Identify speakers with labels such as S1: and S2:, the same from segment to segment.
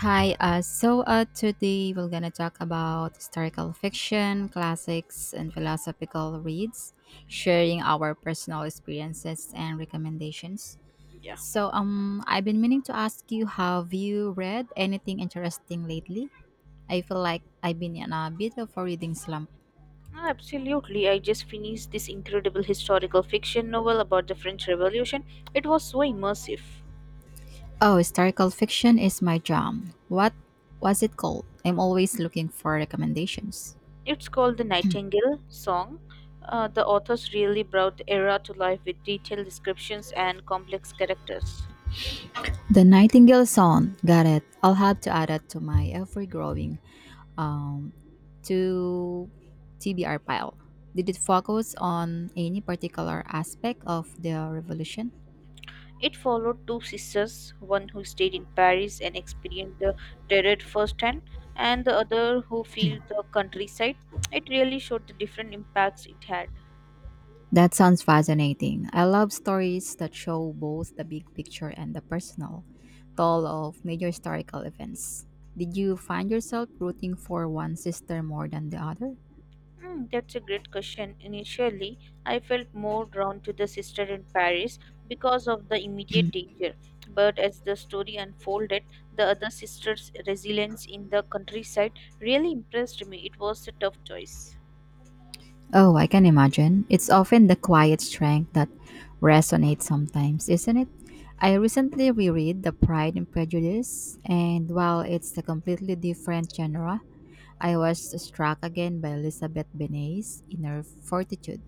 S1: Hi, so Today we're gonna talk about historical fiction, classics, and philosophical reads, sharing our personal experiences and recommendations.
S2: Yeah,
S1: I've been meaning to ask you, have you read anything interesting lately? I feel like I've been in a bit of a reading slump.
S2: no, absolutely. I just finished this incredible historical fiction novel about the French Revolution. It was so immersive.
S1: Oh, historical fiction is my jam. What was it called? I'm always looking for recommendations.
S2: It's called The Nightingale Song. The authors really brought the era to life with detailed descriptions and complex characters.
S1: The Nightingale Song. Got it. I'll have to add it to my ever growing um, to TBR pile. Did it focus on any particular aspect of the revolution?
S2: It followed two sisters, one who stayed in Paris and experienced the terror firsthand, and the other who filled the countryside. It really showed the different impacts it had.
S1: That sounds fascinating. I love stories that show both the big picture and the personal toll of major historical events. Did you find yourself rooting for one sister more than the other?
S2: Hmm, that's a great question. Initially, I felt more drawn to the sister in Paris because of the immediate danger. But as the story unfolded, the other sister's resilience in the countryside really impressed me. It was a tough choice.
S1: Oh, I can imagine. It's often the quiet strength that resonates sometimes, isn't it? I recently reread The Pride and Prejudice, and while it's a completely different genre, I was struck again by Elizabeth Benet's inner fortitude.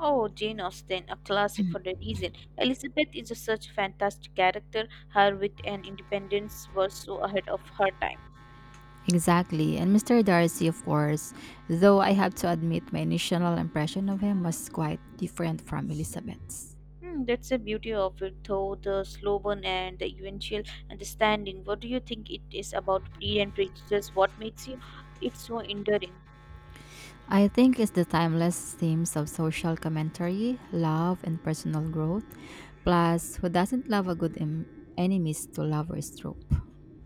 S2: Oh, Jane Austen, a classic for a reason. Elizabeth is a such fantastic character. Her wit and independence were so ahead of her time.
S1: Exactly, and Mr. Darcy, of course, though I have to admit my initial impression of him was quite different from Elizabeth's.
S2: Hmm, that's the beauty of it, though the slow burn and the eventual understanding. What do you think it is about Pre and Prejudice? What makes you it so enduring?
S1: I think it's the timeless themes of social commentary, love, and personal growth. Plus, who doesn't love a good enemies to lovers trope?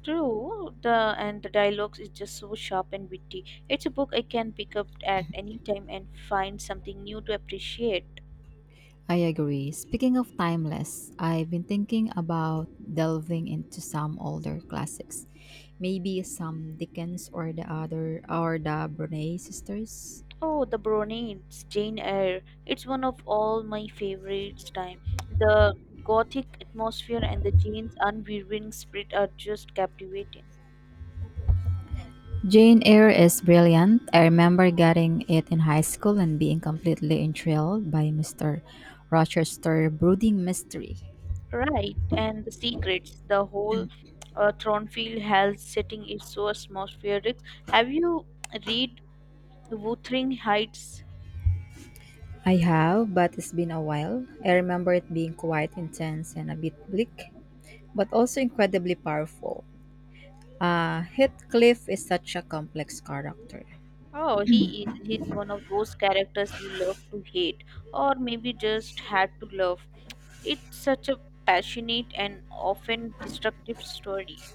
S2: True, the and the dialogues is just so sharp and witty. It's a book I can pick up at any time and find something new to appreciate.
S1: I agree. Speaking of timeless, I've been thinking about delving into some older classics. Maybe some Dickens or the other or the Bronte sisters.
S2: Oh, the Brownies, Jane Eyre. It's one of all my favorites. Time the gothic atmosphere and the Jane's unwavering spirit are just captivating.
S1: Jane Eyre is brilliant. I remember getting it in high school and being completely enthralled by Mr. Rochester's brooding mystery.
S2: Right, and the secrets, the whole Thornfield Hall setting is so atmospheric. Have you read Wuthering Heights?
S1: I have, but it's been a while. I remember it being quite intense and a bit bleak, but also incredibly powerful. Heathcliff is such a complex character.
S2: Oh, he's one of those characters you love to hate, or maybe just had to love. It's such a passionate and often destructive story.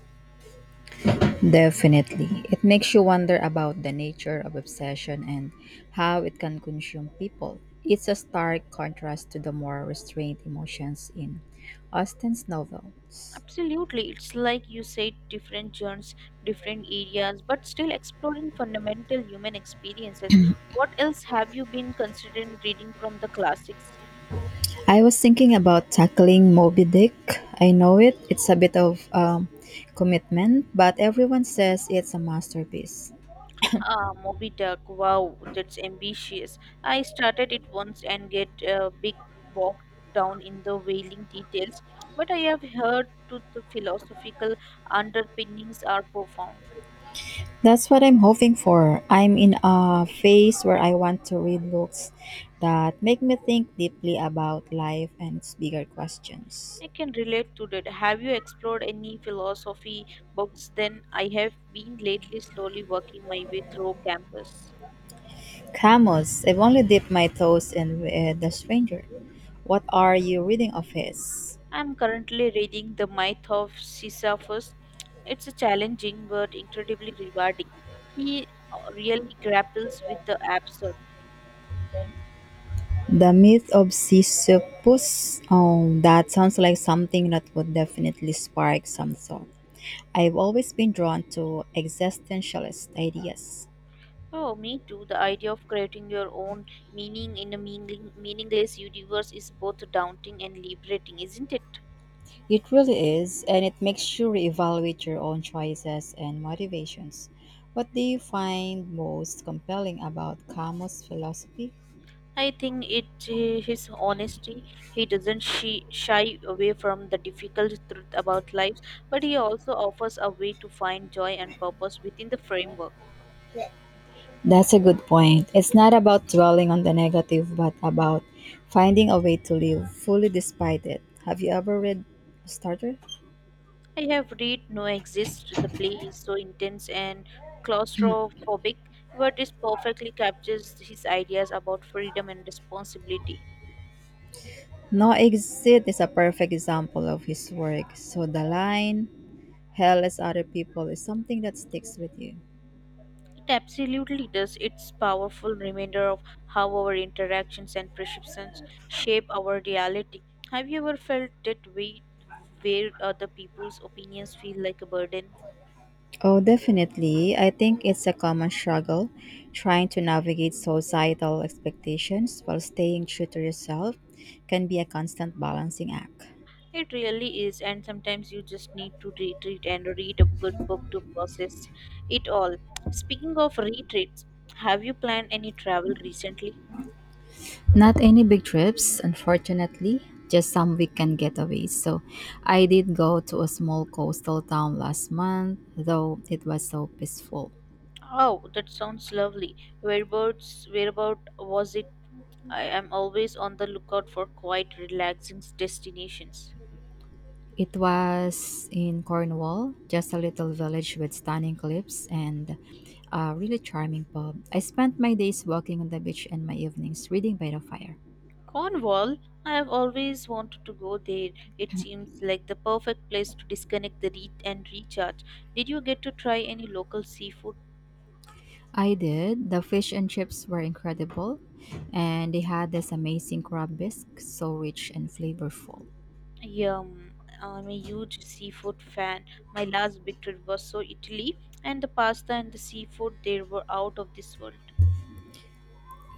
S1: Definitely. It makes you wonder about the nature of obsession and how it can consume people. It's a stark contrast to the more restrained emotions in Austen's novels.
S2: Absolutely. It's like you said, different genres, different areas, but still exploring fundamental human experiences. What else have you been considering reading from the classics?
S1: I was thinking about tackling Moby Dick. I know it. It's a bit of commitment, but everyone says it's a masterpiece.
S2: Ah, Moby Duck. Wow, that's ambitious. I started it once and get a bit bogged down in the whaling details, but I have heard to the philosophical underpinnings are profound.
S1: That's what I'm hoping for. I'm in a phase where I want to read books that make me think deeply about life and its bigger questions.
S2: I can relate to that. Have you explored any philosophy books then? I have been lately slowly working my way through campus.
S1: Camus, I've only dipped my toes in with The Stranger. What are you reading of his?
S2: I'm currently reading The Myth of Sisyphus. It's a challenging but incredibly rewarding. He really grapples with the absurd.
S1: The myth of Sisyphus. Oh, that sounds like something that would definitely spark some thought. I've always been drawn to existentialist ideas.
S2: Oh, me too. The idea of creating your own meaning in a meaningless universe is both daunting and liberating, isn't it?
S1: It really is, and it makes you reevaluate your own choices and motivations. What do you find most compelling about Camus' philosophy?
S2: I think it his honesty. He doesn't shy away from the difficult truth about life, but he also offers a way to find joy and purpose within the framework.
S1: That's a good point. It's not about dwelling on the negative, but about finding a way to live fully despite it. Have you ever read Starter?
S2: I have read No Exist. The play is so intense and claustrophobic, but it perfectly captures his ideas about freedom and responsibility.
S1: No Exit is a perfect example of his work. So the line, hell is other people, is something that sticks with you.
S2: It absolutely does. It's powerful reminder of how our interactions and perceptions shape our reality. Have you ever felt that way where other people's opinions feel like a burden?
S1: Oh, definitely. I think it's a common struggle trying to navigate societal expectations while staying true to yourself can be a constant balancing act.
S2: It really is, and sometimes you just need to retreat and read a good book to process it all. Speaking of retreats, have you planned any travel recently?
S1: Not any big trips, unfortunately, just some weekend getaways. So I did go to a small coastal town last month, though it was so peaceful.
S2: Oh, that sounds lovely. Whereabout was it? I am always on the lookout for quiet, relaxing destinations.
S1: It was in Cornwall, just a little village with stunning cliffs and a really charming pub. I spent my days walking on the beach and my evenings reading by the fire.
S2: Cornwall, I have always wanted to go there. It seems like the perfect place to disconnect and recharge. Did you get to try any local seafood?
S1: I did. The fish and chips were incredible, and they had this amazing crab bisque, so rich and flavorful.
S2: Yum. I'm a huge seafood fan. My last big trip was so Italy, and the pasta and the seafood there were out of this world.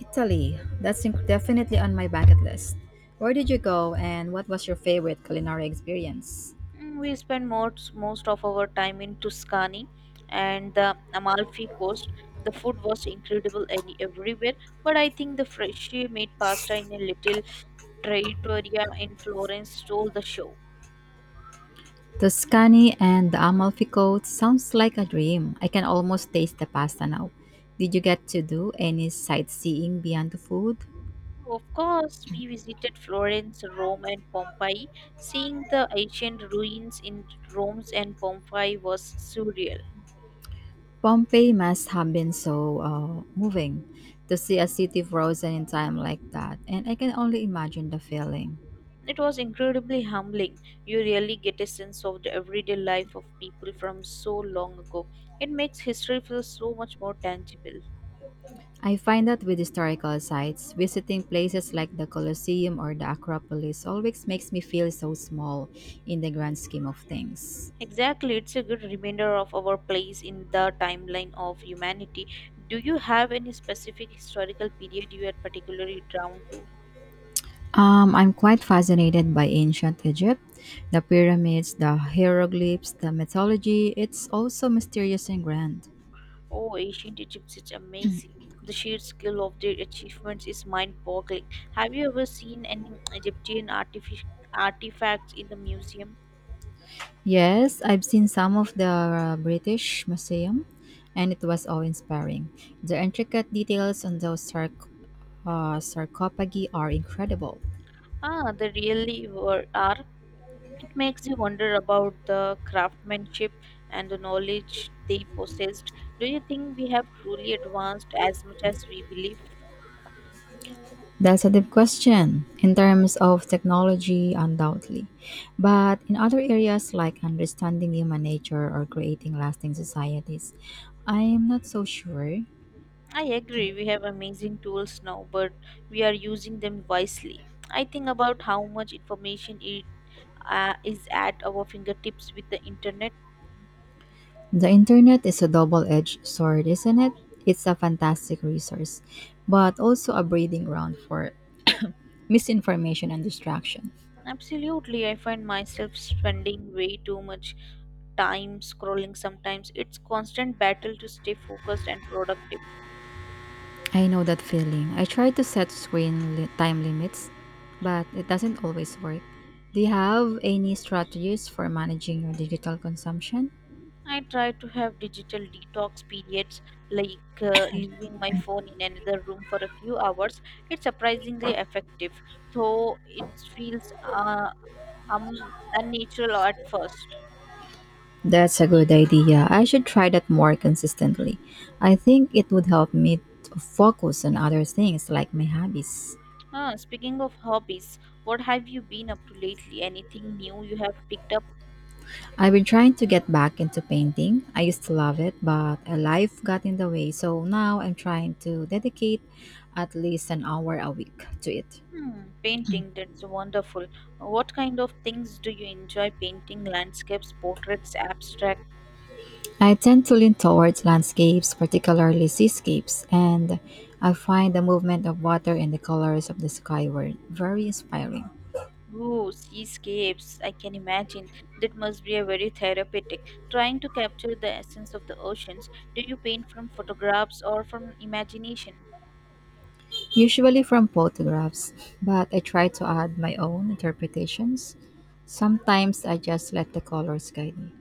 S1: Italy, that's definitely on my bucket list. Where did you go, and what was your favorite culinary experience?
S2: Mm, we spend most of our time in Tuscany and the Amalfi Coast. The food was incredible everywhere, but I think the freshly made pasta in a little trattoria in Florence stole the show.
S1: Tuscany and the Amalfi Coast sounds like a dream. I can almost taste the pasta now. Did you get to do any sightseeing beyond the food?
S2: Of course, we visited Florence, Rome, and Pompeii. Seeing the ancient ruins in Rome and Pompeii was surreal.
S1: Pompeii must have been so moving to see a city frozen in time like that, and I can only imagine the feeling.
S2: It was incredibly humbling. You really get a sense of the everyday life of people from so long ago. It makes history feel so much more tangible.
S1: I find that with historical sites, visiting places like the Colosseum or the Acropolis always makes me feel so small in the grand scheme of things.
S2: Exactly, it's a good reminder of our place in the timeline of humanity. Do you have any specific historical period you are particularly drawn to?
S1: I'm quite fascinated by ancient Egypt, the pyramids, the hieroglyphs, the mythology. It's also mysterious and grand.
S2: Oh, ancient Egypt is amazing. The sheer scale of their achievements is mind boggling. Have you ever seen any artifacts in the museum?
S1: Yes, I've seen some of the British Museum, and it was awe-inspiring. The intricate details on those sarcophagi are incredible.
S2: Ah, they really are. It makes you wonder about the craftsmanship and the knowledge they possessed. Do you think we have truly advanced as much as we believe?
S1: That's a deep question in terms of technology, undoubtedly. But in other areas like understanding human nature or creating lasting societies, I'm not so sure.
S2: I agree, we have amazing tools now, but we are using them wisely. I think about how much information is at our fingertips with the internet.
S1: The internet is a double edged sword, isn't it? It's a fantastic resource, but also a breeding ground for misinformation and distraction.
S2: Absolutely, I find myself spending way too much time scrolling sometimes. It's constant battle to stay focused and productive.
S1: I know that feeling. I try to set time limits, but it doesn't always work. Do you have any strategies for managing your digital consumption?
S2: I try to have digital detox periods like leaving my phone in another room for a few hours. It's surprisingly effective, though it feels unnatural at first.
S1: That's a good idea. I should try that more consistently. I think it would help me to focus on other things like my hobbies.
S2: Ah, speaking of hobbies, what have you been up to lately? Anything new you have picked up?
S1: I've been trying to get back into painting. I used to love it, but a life got in the way. So now I'm trying to dedicate at least an hour a week to it.
S2: Hmm, painting, that's wonderful. What kind of things do you enjoy painting? Landscapes, portraits, abstract?
S1: I tend to lean towards landscapes, particularly seascapes, and I find the movement of water and the colors of the sky were very inspiring,
S2: Oh, seascapes, I can imagine. That must be a very therapeutic. Trying to capture the essence of the oceans, do you paint from photographs or from imagination?
S1: usually from photographs, but I try to add my own interpretations. Sometimes I just let the colors guide me.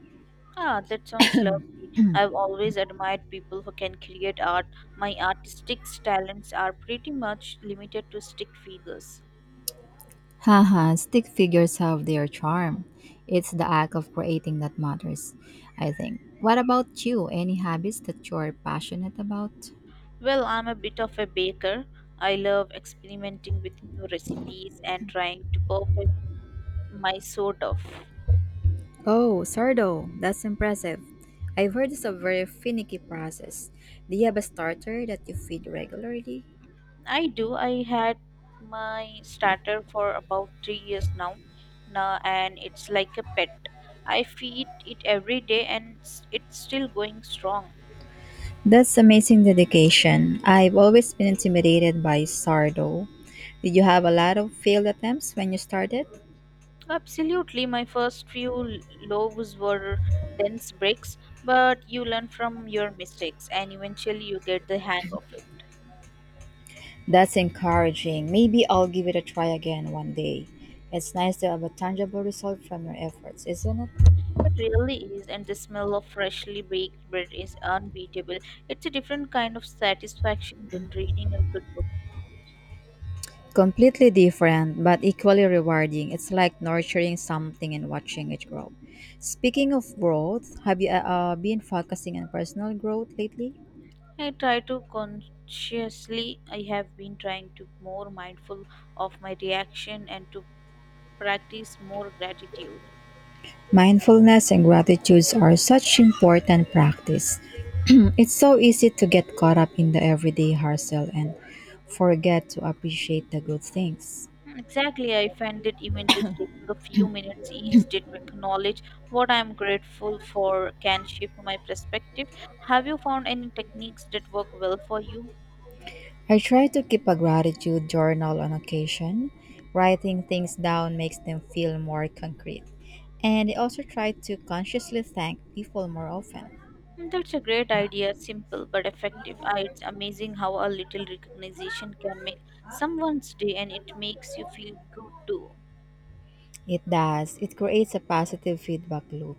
S2: Ah, that sounds lovely. I've always admired people who can create art. My artistic talents are pretty much limited to stick figures.
S1: Haha, stick figures have their charm. It's the act of creating that matters, I think. What about you? Any hobbies that you're passionate about?
S2: Well, I'm a bit of a baker. I love experimenting with new recipes and trying to perfect my sort of.
S1: Oh, sourdough. That's impressive. I've heard it's a very finicky process. Do you have a starter that you feed regularly?
S2: I do. I had my starter for about 3 years now, and it's like a pet. I feed it every day and it's still going strong.
S1: That's amazing dedication. I've always been intimidated by sourdough. Did you have a lot of failed attempts when you started?
S2: Absolutely, my first few loaves were dense bricks, but you learn from your mistakes and eventually you get the hang of it.
S1: That's encouraging. Maybe I'll give it a try again one day. It's nice to have a tangible result from your efforts, isn't it?
S2: It really is, and the smell of freshly baked bread is unbeatable. It's a different kind of satisfaction than reading a good book.
S1: Completely different, but equally rewarding. It's like nurturing something and watching it grow. Speaking of growth, have you been focusing on personal growth lately?
S2: I have been trying to more mindful of my reaction and to practice more gratitude.
S1: Mindfulness and gratitude are such important practice. It's so easy to get caught up in the everyday hustle and forget to appreciate the good things.
S2: Exactly, I find that even just taking a few minutes each day to acknowledge what I am grateful for can shift my perspective. Have you found any techniques that work well for you?
S1: I try to keep a gratitude journal on occasion. Writing things down makes them feel more concrete. And I also try to consciously thank people more often.
S2: Mm, that's a great idea, simple but effective. Ah, it's amazing how a little recognition can make someone's day and it makes you feel good too.
S1: It does, it creates a positive feedback loop.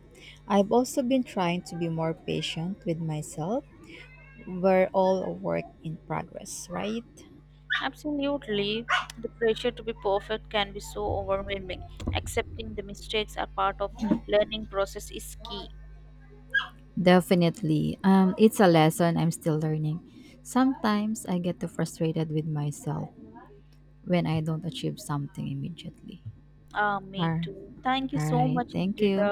S1: I've also been trying to be more patient with myself. We're all a work in progress, right?
S2: Absolutely. The pressure to be perfect can be so overwhelming. Accepting the mistakes are part of learning process is key.
S1: Definitely. It's a lesson I'm still learning. Sometimes I get too frustrated with myself when I don't achieve something immediately.
S2: Ah, me
S1: Or
S2: too. Thank you
S1: all
S2: so
S1: right.
S2: much,
S1: Thank
S2: Indrita.
S1: you.